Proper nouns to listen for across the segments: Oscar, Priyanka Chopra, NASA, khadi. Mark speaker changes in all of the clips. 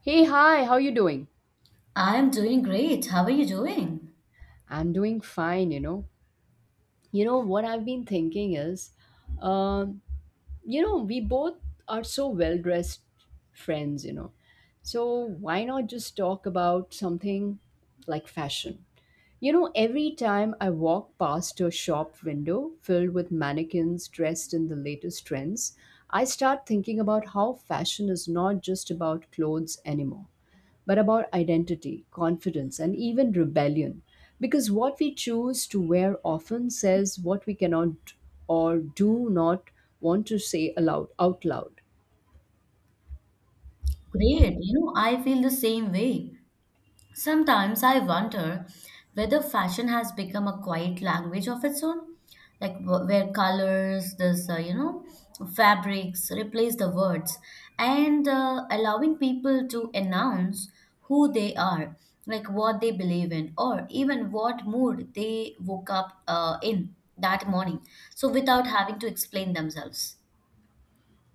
Speaker 1: Hey, hi, how you doing?
Speaker 2: I am doing great. How are you doing?
Speaker 1: I'm doing fine, you know. You know what I've been thinking is, um, we both are so well-dressed friends. So why not just talk about something like fashion? Every time I walk past a shop window filled with mannequins dressed in the latest trends, I start thinking about how fashion is not just about clothes anymore, but about identity, confidence, and even rebellion. Because what we choose to wear often says what we cannot or do not want to say out loud.
Speaker 2: Great. You know, I feel the same way. Sometimes I wonder whether fashion has become a quiet language of its own, like where colors, fabrics replace the words and allowing people to announce who they are, like what they believe in, or even what mood they woke up in that morning. So without having to explain themselves.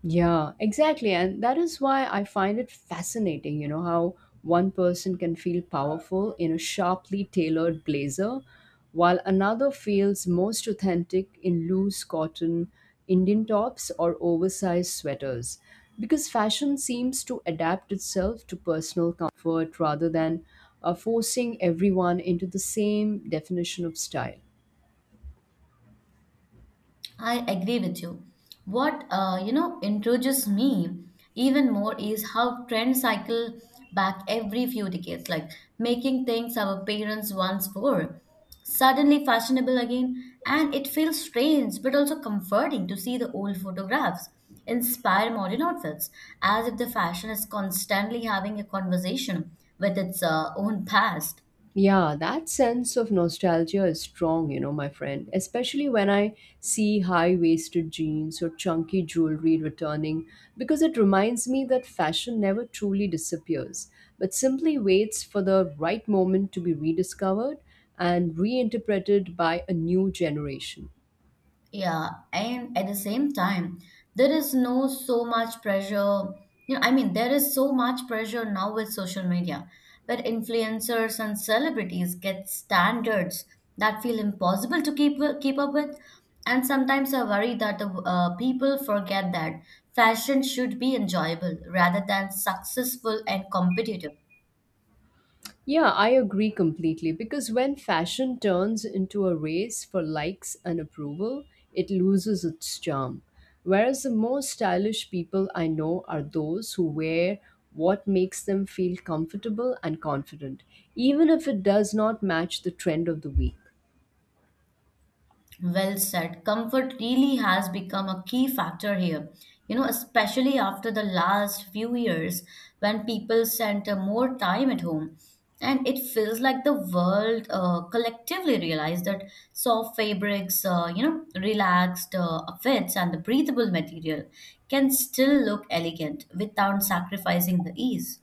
Speaker 1: Yeah, exactly. And that is why I find it fascinating, how one person can feel powerful in a sharply tailored blazer, while another feels most authentic in loose cotton, Indian tops, or oversized sweaters. Because fashion seems to adapt itself to personal comfort rather than forcing everyone into the same definition of style.
Speaker 2: I agree with you. What introduces me even more is how trends cycle back every few decades, like making things our parents once wore suddenly fashionable again, and it feels strange but also comforting to see the old photographs inspire modern outfits, as if the fashion is constantly having a conversation with its own past.
Speaker 1: Yeah, that sense of nostalgia is strong, my friend, especially when I see high waisted jeans or chunky jewelry returning, because it reminds me that fashion never truly disappears, but simply waits for the right moment to be rediscovered and reinterpreted by a new generation.
Speaker 2: Yeah, and at the same time, there is no so much pressure. You know, I mean, there is so much pressure now with social media, where influencers and celebrities get standards that feel impossible to keep up with. And sometimes I worry that the people forget that fashion should be enjoyable rather than successful and competitive.
Speaker 1: Yeah, I agree completely because when fashion turns into a race for likes and approval, it loses its charm. Whereas the more stylish people I know are those who wear what makes them feel comfortable and confident, even if it does not match the trend of the week.
Speaker 2: Well said. Comfort really has become a key factor here, you know, especially after the last few years when people spent more time at home. And it feels like the world collectively realized that soft fabrics, relaxed outfits and the breathable material can still look elegant without sacrificing the ease.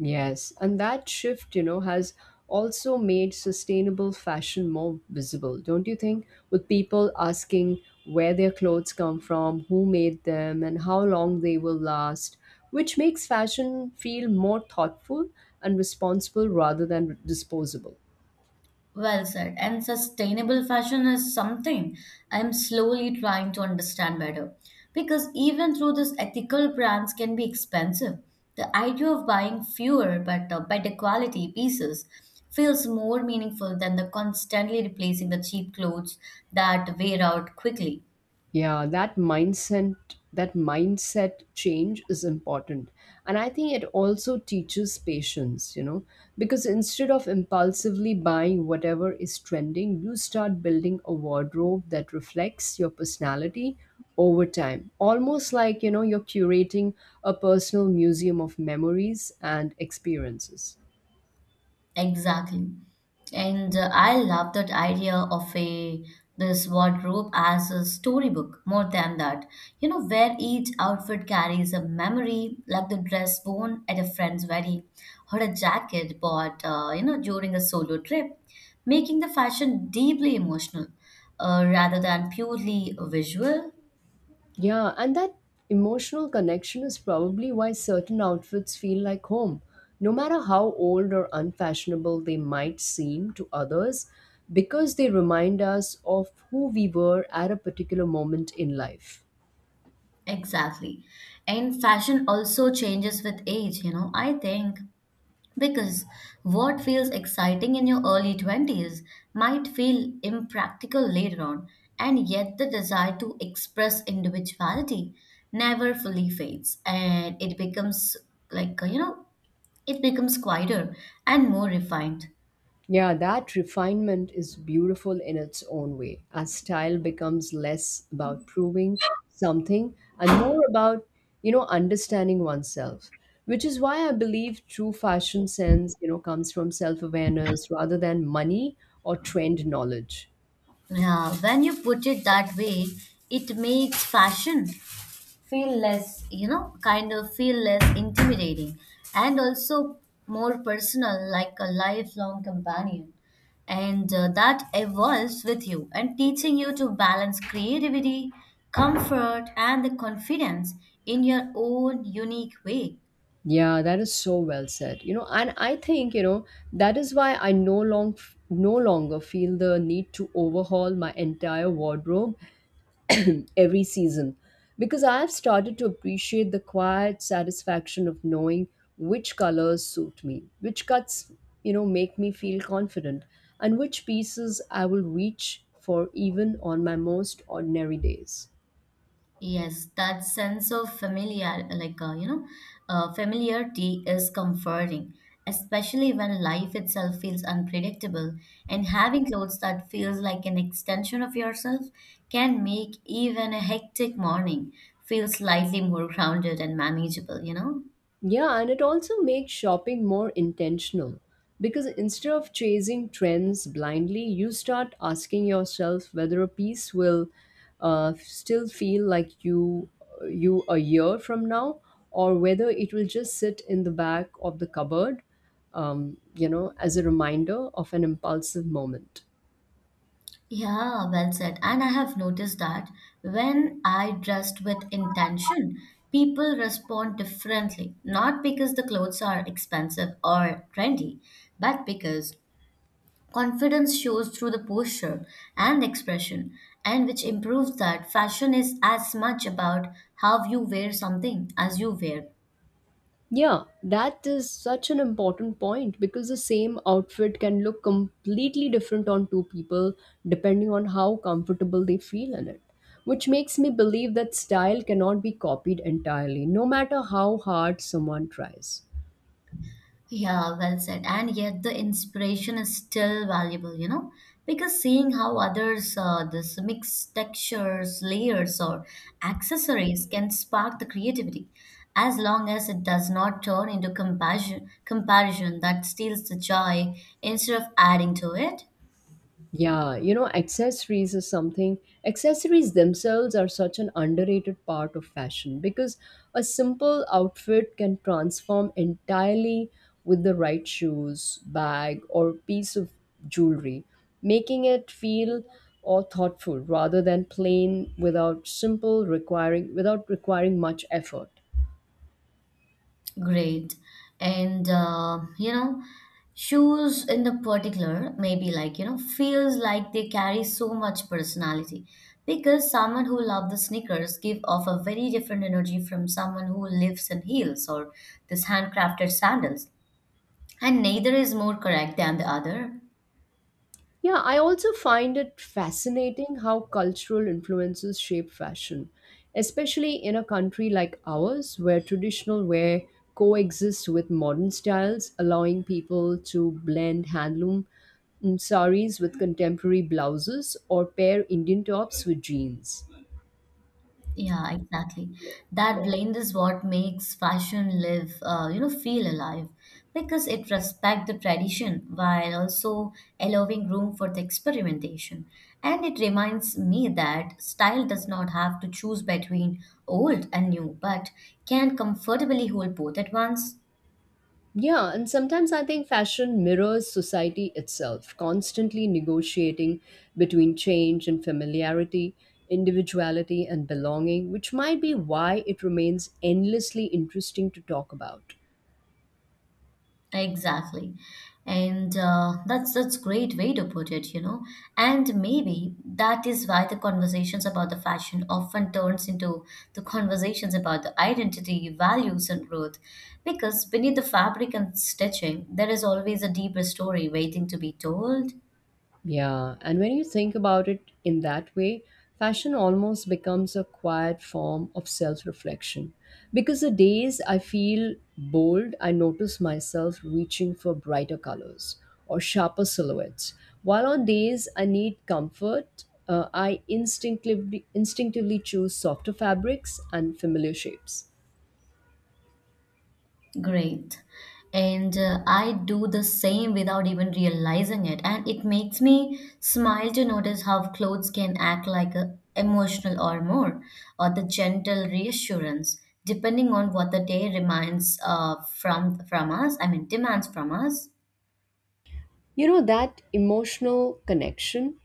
Speaker 1: Yes, and that shift, has also made sustainable fashion more visible, don't you think? With people asking where their clothes come from, who made them, and how long they will last, which makes fashion feel more thoughtful and responsible rather than disposable.
Speaker 2: Well said. And sustainable fashion is something I'm slowly trying to understand better. Because even through this ethical brands can be expensive. The idea of buying fewer but better quality pieces feels more meaningful than the constantly replacing the cheap clothes that wear out quickly.
Speaker 1: Yeah, that mindset, that mindset change is important. And I think it also teaches patience, because instead of impulsively buying whatever is trending, you start building a wardrobe that reflects your personality over time, almost like you're curating a personal museum of memories and experiences.
Speaker 2: Exactly. And I love that idea of a this wardrobe as a storybook more than that. You know, where each outfit carries a memory, like the dress worn at a friend's wedding or a jacket bought, during a solo trip, making the fashion deeply emotional rather than purely visual.
Speaker 1: Yeah, and that emotional connection is probably why certain outfits feel like home. No matter how old or unfashionable they might seem to others, because they remind us of who we were at a particular moment in life.
Speaker 2: Exactly. And fashion also changes with age, you know. I think Because what feels exciting in your early 20s might feel impractical later on, and yet the desire to express individuality never fully fades, and it becomes like you know, it becomes quieter and more refined.
Speaker 1: Yeah, that refinement is beautiful in its own way, as style becomes less about proving something and more about, understanding oneself, which is why I believe true fashion sense, comes from self-awareness rather than money or trend knowledge.
Speaker 2: Yeah, when you put it that way, it makes fashion feel less, kind of feel less intimidating and also more personal, like a lifelong companion. And that evolves with you and teaching you to balance creativity, comfort, and the confidence in your own unique way.
Speaker 1: Yeah, that is so well said. And I think, that is why I no longer feel the need to overhaul my entire wardrobe every season, because I have started to appreciate the quiet satisfaction of knowing which colors suit me, which cuts, make me feel confident, and which pieces I will reach for even on my most ordinary days.
Speaker 2: Yes, that sense of familiar, familiarity is comforting, especially when life itself feels unpredictable. And having clothes that feels like an extension of yourself can make even a hectic morning feel slightly more grounded and manageable, you know?
Speaker 1: Yeah, and it also makes shopping more intentional because instead of chasing trends blindly, you start asking yourself whether a piece will still feel like you a year from now, or whether it will just sit in the back of the cupboard, as a reminder of an impulsive moment.
Speaker 2: Yeah, well said. And I have noticed that when I dressed with intention, people respond differently, not because the clothes are expensive or trendy, but because confidence shows through the posture and expression, and which improves that fashion is as much about how you wear something as you wear.
Speaker 1: Yeah, that is such an important point because the same outfit can look completely different on two people depending on how comfortable they feel in it. Which makes me believe that style cannot be copied entirely, no matter how hard someone tries.
Speaker 2: Yeah, well said. And yet the inspiration is still valuable, you know, because seeing how others this mix textures, layers, or accessories can spark the creativity, as long as it does not turn into compassion, comparison that steals the joy instead of adding to it.
Speaker 1: Yeah, you know, accessories is something. Accessories themselves are such an underrated part of fashion because a simple outfit can transform entirely with the right shoes, bag, or piece of jewelry, making it feel or thoughtful rather than plain without requiring much effort.
Speaker 2: Great. And shoes in the particular maybe feels like they carry so much personality because someone who loves the sneakers give off a very different energy from someone who lives in heels or this handcrafted sandals, and neither is more correct than the other.
Speaker 1: Yeah, I also find it fascinating how cultural influences shape fashion, especially in a country like ours where traditional wear coexists with modern styles, allowing people to blend handloom saris with contemporary blouses or pair Indian tops with jeans.
Speaker 2: Yeah, exactly. That blend is what makes fashion live, feel alive because it respects the tradition while also allowing room for the experimentation. And it reminds me that style does not have to choose between old and new, but can comfortably hold both at once.
Speaker 1: Yeah, and sometimes I think fashion mirrors society itself, constantly negotiating between change and familiarity, individuality and belonging, which might be why it remains endlessly interesting to talk about.
Speaker 2: Exactly. And that's great way to put it, you know. And maybe that is why the conversations about the fashion often turns into the conversations about the identity, values, and growth. Because beneath the fabric and stitching, there is always a deeper story waiting to be told.
Speaker 1: Yeah, and when you think about it in that way, fashion almost becomes a quiet form of self reflection. Because the days I feel bold, I notice myself reaching for brighter colors or sharper silhouettes. While on days I need comfort, I instinctively choose softer fabrics and familiar shapes.
Speaker 2: Great. And I do the same without even realizing it. And it makes me smile to notice how clothes can act like a emotional armor or the gentle reassurance, depending on what the day reminds from us. I mean, demands from us.
Speaker 1: That emotional connection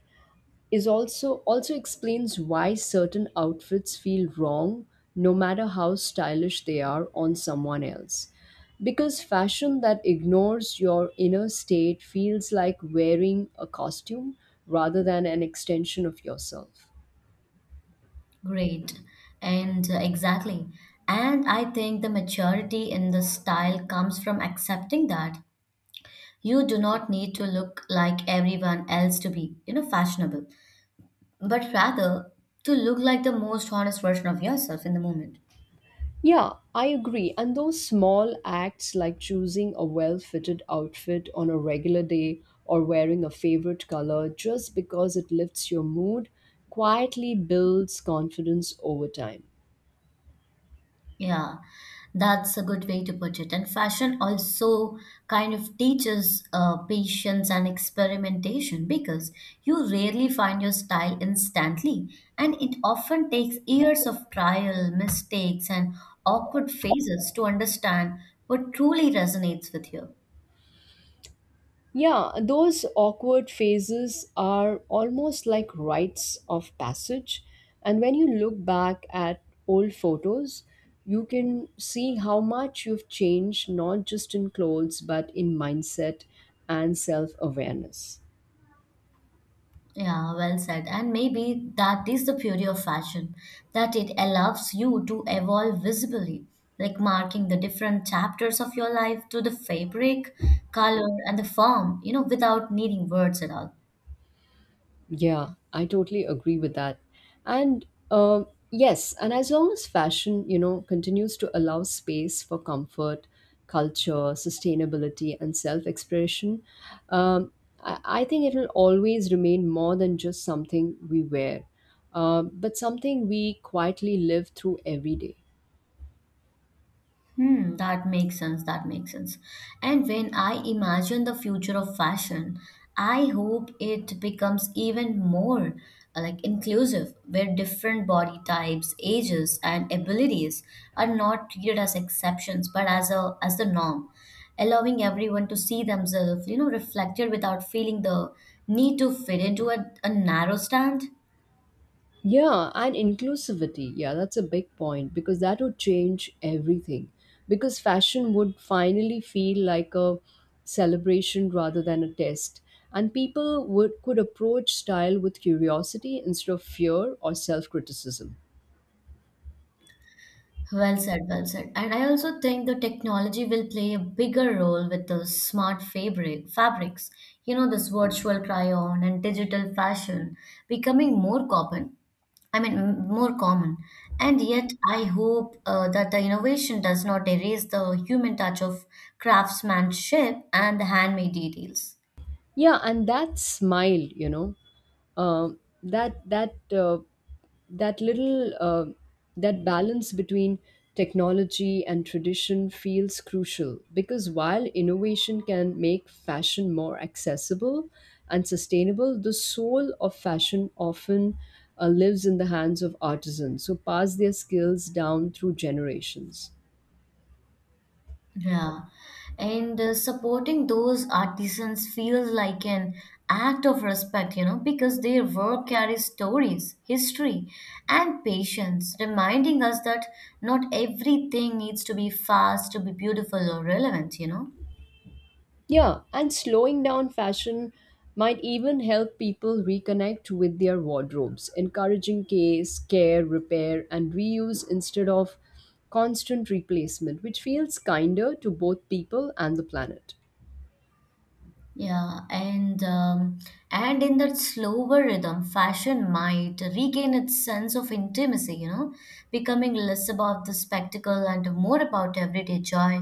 Speaker 1: is also also explains why certain outfits feel wrong no matter how stylish they are on someone else, because fashion that ignores your inner state feels like wearing a costume rather than an extension of yourself.
Speaker 2: Great. And exactly. And I think the maturity in the style comes from accepting that you do not need to look like everyone else to be, you know, fashionable, but rather to look like the most honest version of yourself in the moment.
Speaker 1: Yeah, I agree. And those small acts like choosing a well fitted outfit on a regular day or wearing a favorite color just because it lifts your mood quietly builds confidence over time.
Speaker 2: Yeah, that's a good way to put it. And fashion also kind of teaches patience and experimentation because you rarely find your style instantly, and it often takes years of trial, mistakes, and awkward phases to understand what truly resonates with you.
Speaker 1: Yeah, those awkward phases are almost like rites of passage. And when you look back at old photos, you can see how much you've changed, not just in clothes, but in mindset and self awareness.
Speaker 2: Yeah, well said. And maybe that is the beauty of fashion, that it allows you to evolve visibly, like marking the different chapters of your life to the fabric, color, and the form, you know, without needing words at all.
Speaker 1: Yeah, I totally agree with that. And yes, and as long as fashion, continues to allow space for comfort, culture, sustainability, and self expression, um, I think it will always remain more than just something we wear, but something we quietly live through every day.
Speaker 2: Hmm, that makes sense. That makes sense. And when I imagine the future of fashion, I hope it becomes even more like inclusive, where different body types, ages, and abilities are not treated as exceptions, but as a as the norm, allowing everyone to see themselves, you know, reflected without feeling the need to fit into a narrow stand.
Speaker 1: Yeah, and inclusivity. Yeah, that's a big point because that would change everything. Because fashion would finally feel like a celebration rather than a test. And people would could approach style with curiosity instead of fear or self-criticism.
Speaker 2: Well said, well said. And I also think the technology will play a bigger role with the smart fabrics. You know, this virtual cryon and digital fashion becoming more common. I mean, more common. And yet, I hope that the innovation does not erase the human touch of craftsmanship and the handmade details.
Speaker 1: Yeah, and that smile, you know, that that that little that balance between technology and tradition feels crucial because while innovation can make fashion more accessible and sustainable, the soul of fashion often lives in the hands of artisans who pass their skills down through generations.
Speaker 2: Yeah, and supporting those artisans feels like an act of respect, you know, because their work carries stories, history, and patience, reminding us that not everything needs to be fast to be beautiful or relevant, you know.
Speaker 1: Yeah, and slowing down fashion might even help people reconnect with their wardrobes, encouraging care, repair, and reuse instead of constant replacement, which feels kinder to both people and the planet.
Speaker 2: Yeah, and in that slower rhythm, fashion might regain its sense of intimacy, you know, becoming less about the spectacle and more about everyday joy,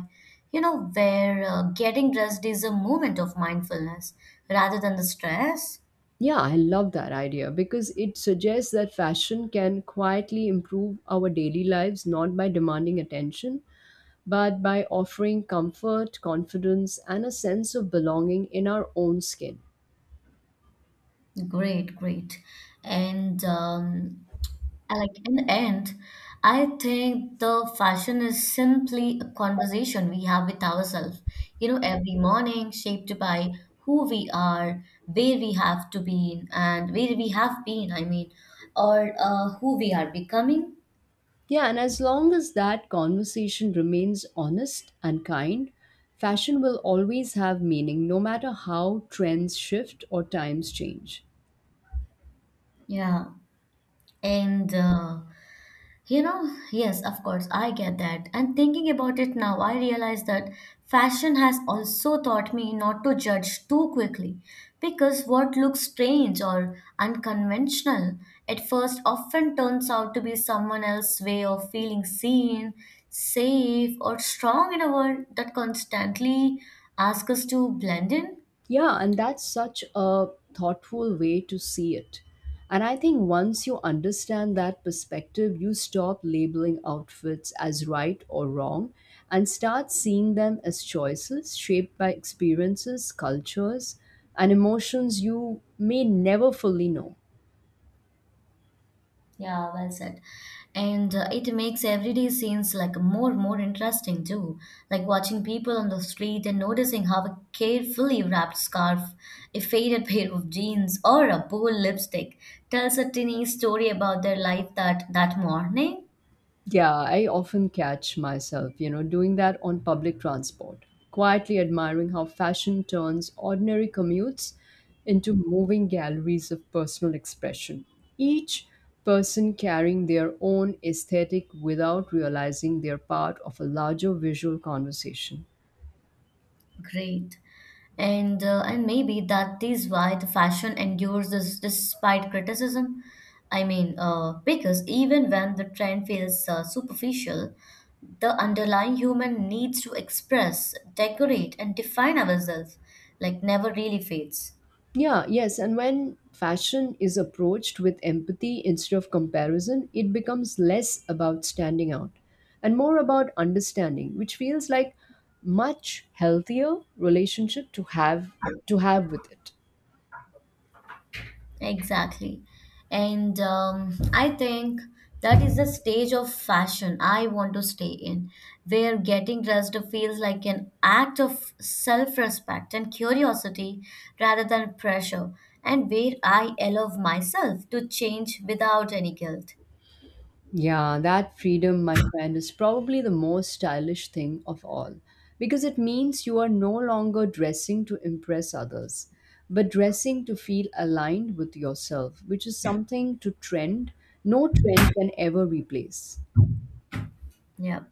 Speaker 2: you know, where getting dressed is a moment of mindfulness rather than the stress.
Speaker 1: Yeah, I love that idea because it suggests that fashion can quietly improve our daily lives not by demanding attention, but by offering comfort, confidence, and a sense of belonging in our own skin.
Speaker 2: Great, great. And I like in the end, I think the fashion is simply a conversation we have with ourselves. You know, every morning shaped by who we are, where we have to be, and where we have been, I mean, or who we are becoming.
Speaker 1: Yeah, and as long as that conversation remains honest and kind, fashion will always have meaning no matter how trends shift or times change.
Speaker 2: Yeah. And you know, yes, of course, I get that. And thinking about it now, I realize that fashion has also taught me not to judge too quickly because what looks strange or unconventional at first often turns out to be someone else's way of feeling seen, safe, or strong in a world that constantly asks us to blend in.
Speaker 1: Yeah, and that's such a thoughtful way to see it. And I think once you understand that perspective, you stop labeling outfits as right or wrong and start seeing them as choices shaped by experiences, cultures, and emotions you may never fully know.
Speaker 2: Yeah, well said. And it makes everyday scenes like more interesting too. Like watching people on the street and noticing how a carefully wrapped scarf, a faded pair of jeans, or a bold lipstick tells a tiny story about their life that morning.
Speaker 1: Yeah, I often catch myself, doing that on public transport, quietly admiring how fashion turns ordinary commutes into moving galleries of personal expression. Each person carrying their own aesthetic without realizing they're part of a larger visual conversation.
Speaker 2: Great. And maybe that is why the fashion endures this despite criticism. I mean, because even when the trend feels superficial, the underlying human needs to express, decorate, and define ourselves like never really fades.
Speaker 1: Yeah, yes. And when fashion is approached with empathy instead of comparison, it becomes less about standing out and more about understanding, which feels like much healthier relationship to have with it.
Speaker 2: Exactly. And I think that is the stage of fashion I want to stay in, where getting dressed feels like an act of self respect and curiosity rather than pressure, and where I allow myself to change without any guilt.
Speaker 1: Yeah, that freedom, my friend, is probably the most stylish thing of all because it means you are no longer dressing to impress others, but dressing to feel aligned with yourself, which is something to trend, no trend can ever replace.
Speaker 2: Yeah.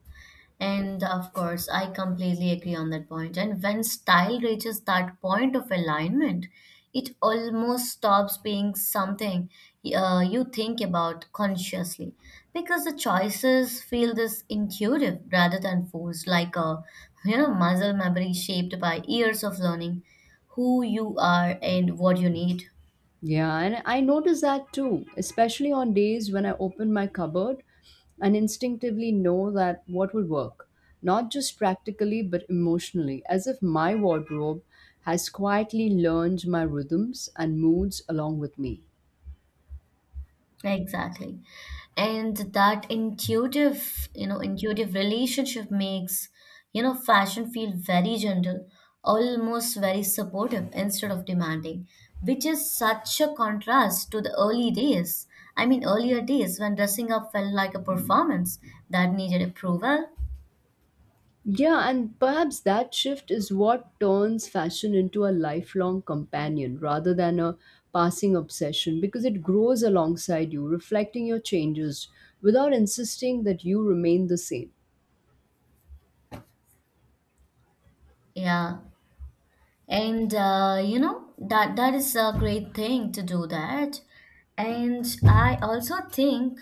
Speaker 2: And of course, I completely agree on that point. And when style reaches that point of alignment, it almost stops being something you think about consciously because the choices feel this intuitive rather than forced, like a muscle memory shaped by years of learning who you are and what you need.
Speaker 1: Yeah, and I notice that too, especially on days when I open my cupboard and instinctively know that what will work, not just practically but emotionally, as if my wardrobe has quietly learned my rhythms and moods along with me.
Speaker 2: Exactly. And that intuitive, relationship makes, you know, fashion feel very gentle, almost very supportive instead of demanding, which is such a contrast to the early days. I mean, earlier days when dressing up felt like a performance that needed approval.
Speaker 1: Yeah, and perhaps that shift is what turns fashion into a lifelong companion rather than a passing obsession because it grows alongside you, reflecting your changes without insisting that you remain the same.
Speaker 2: Yeah. And you know, that that is a great thing to do that. And I also think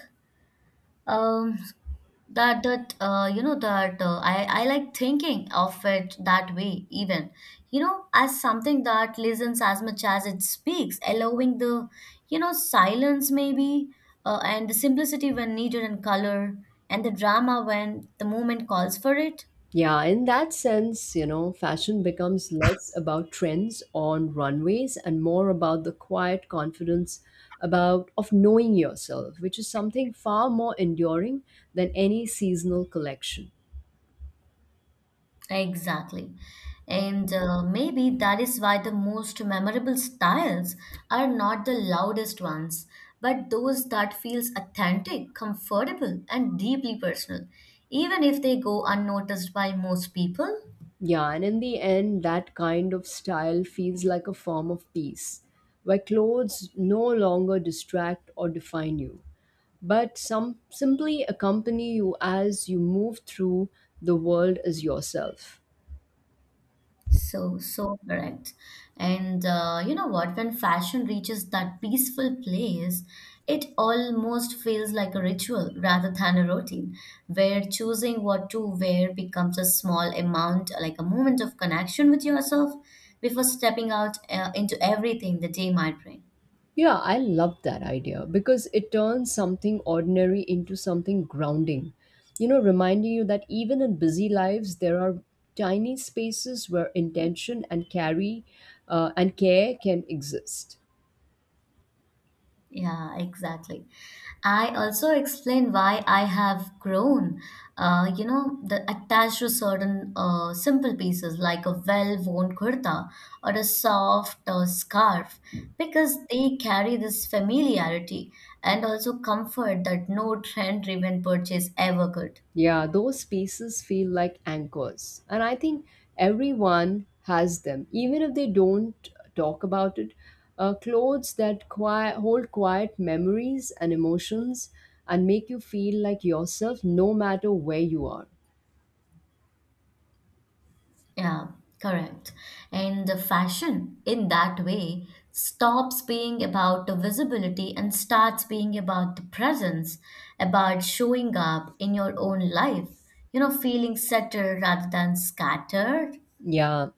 Speaker 2: um that that I like thinking of it that way, even as something that listens as much as it speaks, allowing the silence maybe and the simplicity when needed and color and the drama when the moment calls for it.
Speaker 1: Yeah, in that sense, fashion becomes less about trends on runways and more about the quiet confidence about of knowing yourself, which is something far more enduring than any seasonal collection.
Speaker 2: Exactly. And maybe that is why the most memorable styles are not the loudest ones, but those that feels authentic, comfortable, and deeply personal, even if they go unnoticed by most people.
Speaker 1: Yeah, and in the end, that kind of style feels like a form of peace, where clothes no longer distract or define you, but some simply accompany you as you move through the world as yourself.
Speaker 2: So correct. And you know what? When fashion reaches that peaceful place, it almost feels like a ritual rather than a routine, where choosing what to wear becomes a small amount, like a moment of connection with yourself before stepping out into everything the day might bring.
Speaker 1: Yeah, I love that idea because it turns something ordinary into something grounding. You know, reminding you that even in busy lives, there are tiny spaces where intention and care can exist.
Speaker 2: Yeah, exactly. I also explain why I have grown, the attached to certain simple pieces like a well-worn kurta or a soft scarf, because they carry this familiarity and also comfort that no trend-driven purchase ever could.
Speaker 1: Yeah, those pieces feel like anchors. And I think everyone has them, even if they don't talk about it. Clothes that hold quiet memories and emotions and make you feel like yourself no matter where you are.
Speaker 2: Yeah, correct. And the fashion, in that way, stops being about the visibility and starts being about the presence, about showing up in your own life, feeling settled rather than scattered.
Speaker 1: Yeah,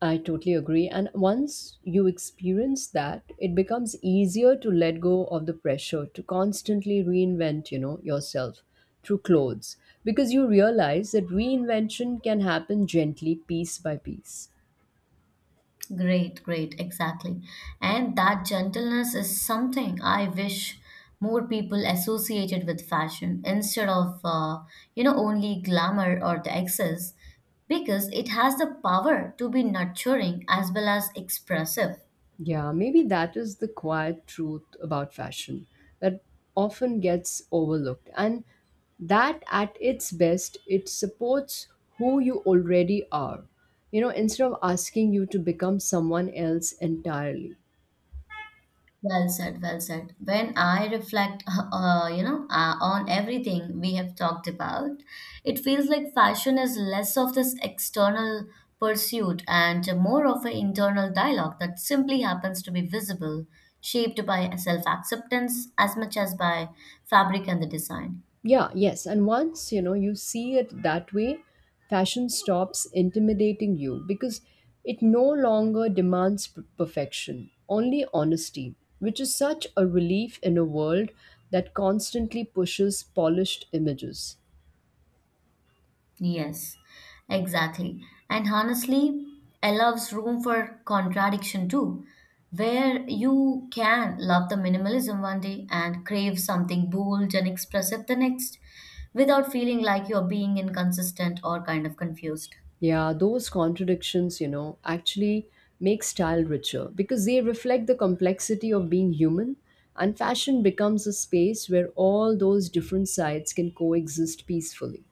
Speaker 1: I totally agree. And once you experience that, it becomes easier to let go of the pressure to constantly reinvent, yourself through clothes because you realize that reinvention can happen gently piece by piece.
Speaker 2: Exactly. And that gentleness is something I wish more people associated with fashion instead of, only glamour or the excess, because it has the power to be nurturing as well as expressive.
Speaker 1: Yeah, maybe that is the quiet truth about fashion that often gets overlooked. And that at its best, it supports who you already are. You know, instead of asking you to become someone else entirely.
Speaker 2: Well said. When I reflect, on everything we have talked about, it feels like fashion is less of this external pursuit and more of an internal dialogue that simply happens to be visible, shaped by self-acceptance as much as by fabric and the design.
Speaker 1: Yeah, yes. And once, you know, you see it that way, fashion stops intimidating you because it no longer demands perfection, only honesty, which is such a relief in a world that constantly pushes polished images.
Speaker 2: Yes, exactly. And honestly, allows room for contradiction too, where you can love the minimalism one day and crave something bold and expressive the next without feeling like you're being inconsistent or kind of confused.
Speaker 1: Yeah, those contradictions, you know, actually make style richer because they reflect the complexity of being human, and fashion becomes a space where all those different sides can coexist peacefully.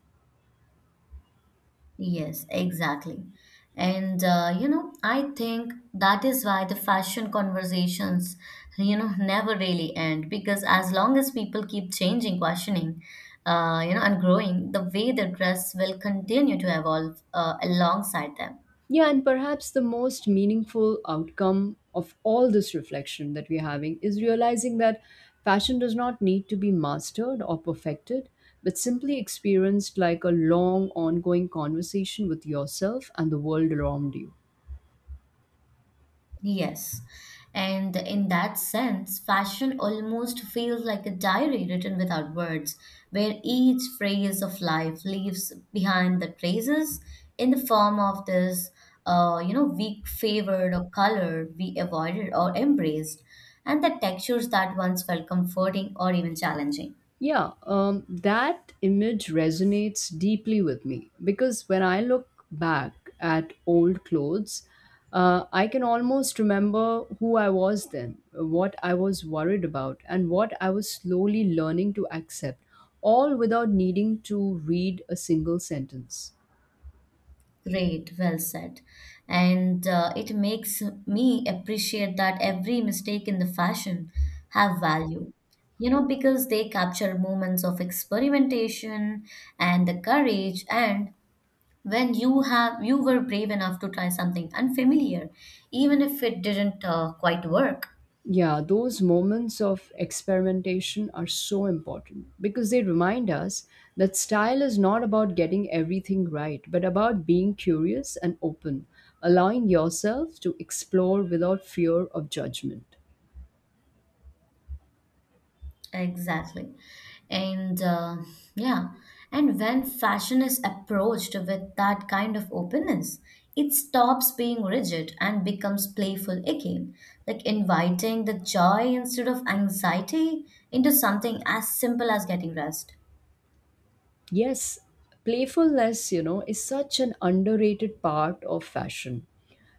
Speaker 2: Yes, exactly. And I think that is why the fashion conversations, never really end because as long as people keep changing, questioning, and growing, the way they dress will continue to evolve alongside them.
Speaker 1: Yeah, and perhaps the most meaningful outcome of all this reflection that we're having is realizing that passion does not need to be mastered or perfected, but simply experienced like a long, ongoing conversation with yourself and the world around you.
Speaker 2: Yes. And in that sense, fashion almost feels like a diary written without words, where each phase of life leaves behind the traces in the form of this, weak favored or color we avoided or embraced, and the textures that once felt comforting or even challenging.
Speaker 1: Yeah, that image resonates deeply with me because when I look back at old clothes, I can almost remember who I was then, what I was worried about, and what I was slowly learning to accept, all without needing to read a single sentence.
Speaker 2: Great, well said. And it makes me appreciate that every mistake in the fashion have value. You know, because they capture moments of experimentation and the courage and when you were brave enough to try something unfamiliar, even if it didn't quite work.
Speaker 1: Yeah, those moments of experimentation are so important because they remind us that style is not about getting everything right, but about being curious and open, allowing yourself to explore without fear of judgment.
Speaker 2: Exactly. And yeah, and when fashion is approached with that kind of openness, it stops being rigid and becomes playful again, like inviting the joy instead of anxiety into something as simple as getting rest.
Speaker 1: Yes, playfulness, you know, is such an underrated part of fashion,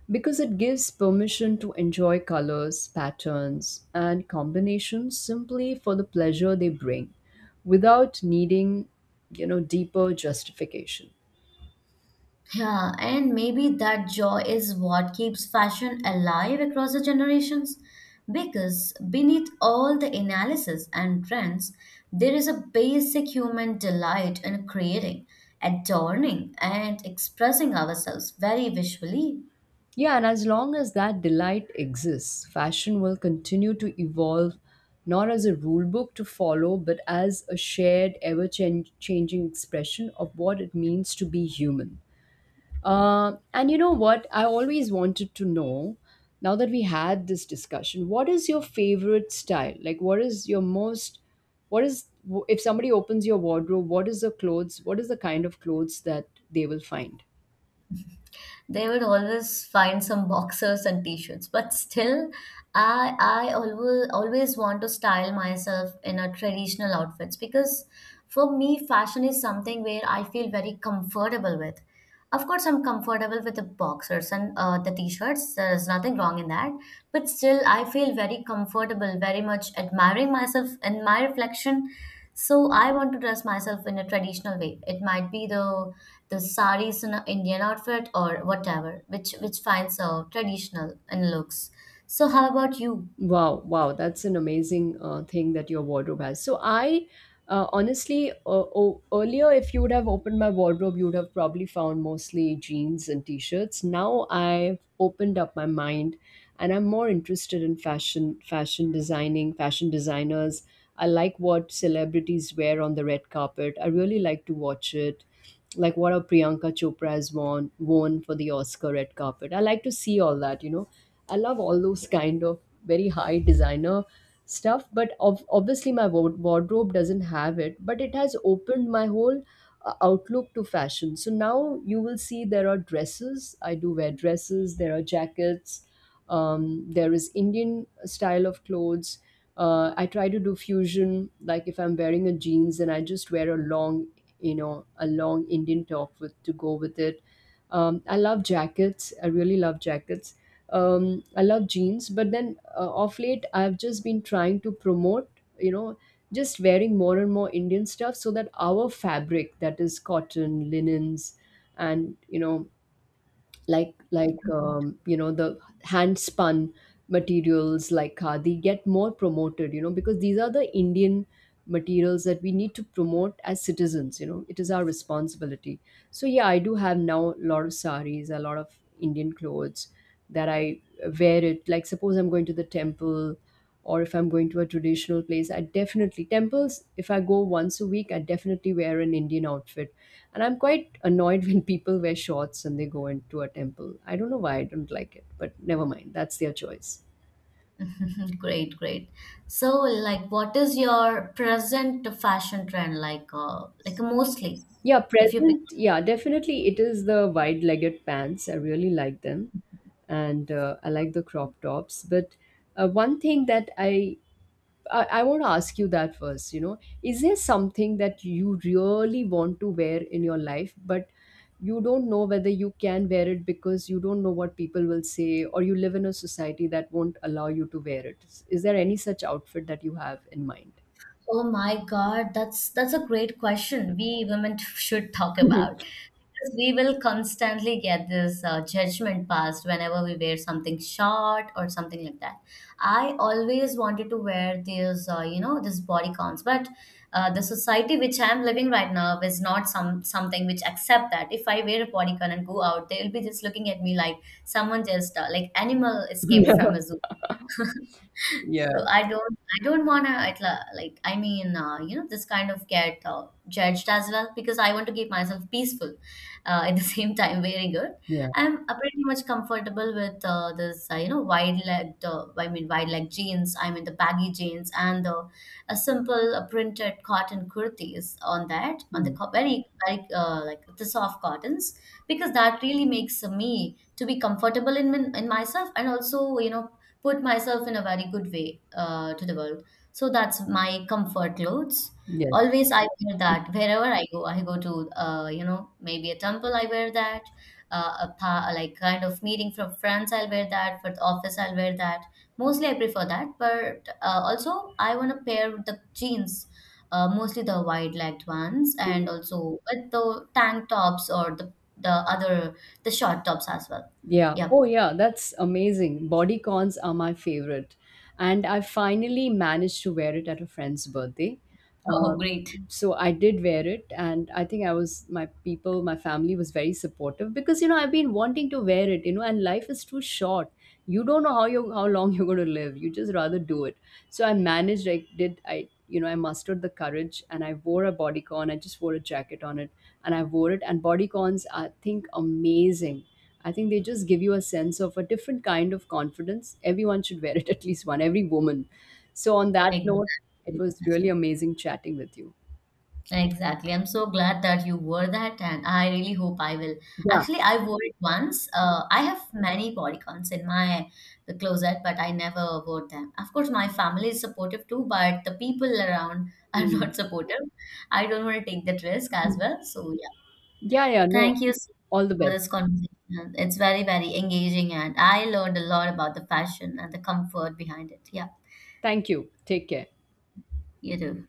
Speaker 1: because it gives permission to enjoy colors, patterns, and combinations simply for the pleasure they bring without needing, you know, deeper justification.
Speaker 2: Yeah, and maybe that joy is what keeps fashion alive across the generations. Because beneath all the analysis and trends, there is a basic human delight in creating, adorning, and expressing ourselves very visually.
Speaker 1: Yeah, and as long as that delight exists, fashion will continue to evolve not as a rule book to follow, but as a shared, ever changing expression of what it means to be human. And you know what? I always wanted to know, now that we had this discussion, what is your favorite style? Like, what is your most, what is, if somebody opens your wardrobe, what is the clothes, what is the kind of clothes that they will find?
Speaker 2: They would always find some boxers and t-shirts, but still I always want to style myself in a traditional outfits because for me fashion is something where I feel very comfortable with. Of course, I'm comfortable with the boxers and the t-shirts. There's nothing wrong in that. But still, I feel very comfortable, very much admiring myself in my reflection. So I want to dress myself in a traditional way. It might be the saris in an Indian outfit or whatever, which finds traditional in looks. So how about you?
Speaker 1: Wow, wow, that's an amazing thing that your wardrobe has. So I, honestly, earlier if you would have opened my wardrobe, you would have probably found mostly jeans and t-shirts. Now I've opened up my mind, and I'm more interested in fashion, fashion designing, fashion designers. I like what celebrities wear on the red carpet. I really like to watch it, like what a Priyanka Chopra has worn for the Oscar red carpet. I like to see all that, you know. I love all those kind of very high designer stuff, but obviously my wardrobe doesn't have it. But it has opened my whole outlook to fashion. So now you will see there are dresses. I do wear dresses. There are jackets. There is Indian style of clothes. I try to do fusion. Like if I'm wearing a jeans, and I just wear a long, you know, a long Indian top with to go with it. I love jackets. I really love jackets. I love jeans, but then of late I've just been trying to promote, you know, just wearing more and more Indian stuff so that our fabric, that is cotton, linens, and you know, you know the hand spun materials like khadi get more promoted, you know, because these are the Indian materials that we need to promote as citizens, you know, it is our responsibility. So yeah, I do have now a lot of saris, a lot of Indian clothes that I wear it like suppose I'm going to the temple or if I'm going to a traditional place, I definitely temples. If I go once a week, I definitely wear an Indian outfit, and I'm quite annoyed when people wear shorts and they go into a temple. I don't know why I don't like it, but never mind. That's their choice.
Speaker 2: Great, great. So, like, what is your present fashion trend like? Like mostly,
Speaker 1: Yeah,
Speaker 2: if you.
Speaker 1: present. Yeah, definitely. It is the wide legged pants. I really like them. And I like the crop tops. But one thing that I want to ask you that first. You know, is there something that you really want to wear in your life, but you don't know whether you can wear it because you don't know what people will say, or you live in a society that won't allow you to wear it? Is there any such outfit that you have in mind?
Speaker 2: Oh my God, that's a great question. We women should talk about
Speaker 1: Yeah.
Speaker 2: because we will constantly get this judgment passed whenever we wear something short or something like that. I always wanted to wear these, this body cons, but the society which I'm living right now is not something which accept that. If I wear a body con and go out, they'll be just looking at me like someone just like animal escaped from a zoo.
Speaker 1: Yeah.
Speaker 2: So I don't wanna like, this kind of get judged as well because I want to keep myself peaceful at the same time wearing it.
Speaker 1: Yeah.
Speaker 2: I'm pretty much comfortable with wide leg, wide leg jeans. I mean, the baggy jeans and the a simple printed cotton kurtis on that, on the
Speaker 1: Hmm.
Speaker 2: very, very like the soft cottons because that really makes me to be comfortable in in myself and also, you know, put myself in a very good way to the world. So that's my comfort clothes.
Speaker 1: Yes.
Speaker 2: Always I wear that wherever I go. I go to maybe a temple. I wear that. Like kind of meeting from friends. I'll wear that. For the office, I'll wear that. Mostly I prefer that. But also I want to pair with the jeans. Mostly the wide-legged ones, and also with the tank tops or the other the short tops as well.
Speaker 1: Yeah.
Speaker 2: Yep.
Speaker 1: Oh, yeah. That's amazing. Body cons are my favorite. And I finally managed to wear it at a friend's birthday.
Speaker 2: Oh,
Speaker 1: Um,
Speaker 2: great.
Speaker 1: so I did wear it. And I think I was, my people, my family was very supportive because, you know, I've been wanting to wear it, you know, and life is too short. You don't know how long you're going to live. You just rather do it. So I managed, I did, I, you know, I mustered the courage and I wore a bodycon. I just wore a jacket on it and I wore it. And bodycons are, I think, amazing. I think they just give you a sense of a different kind of confidence. Everyone should wear it, at least one, every woman. So, on that note, it
Speaker 2: Exactly,
Speaker 1: was really
Speaker 2: exactly.
Speaker 1: amazing chatting with you.
Speaker 2: Exactly. I'm so glad that you wore that, and I really hope I will.
Speaker 1: Yeah.
Speaker 2: Actually, I wore it once. I have many bodycons in my the closet, but I never wore them. Of course, my family is supportive too, but the people around are
Speaker 1: Mm.
Speaker 2: not supportive. I don't want to take that risk as
Speaker 1: Mm.
Speaker 2: well. So yeah,
Speaker 1: Yeah, yeah, no.
Speaker 2: thank you so
Speaker 1: All
Speaker 2: much
Speaker 1: the
Speaker 2: for
Speaker 1: best.
Speaker 2: this conversation. It's very, very engaging, and I learned a lot about the fashion and the comfort behind it. Yeah,
Speaker 1: Thank you. Take care.
Speaker 2: you too.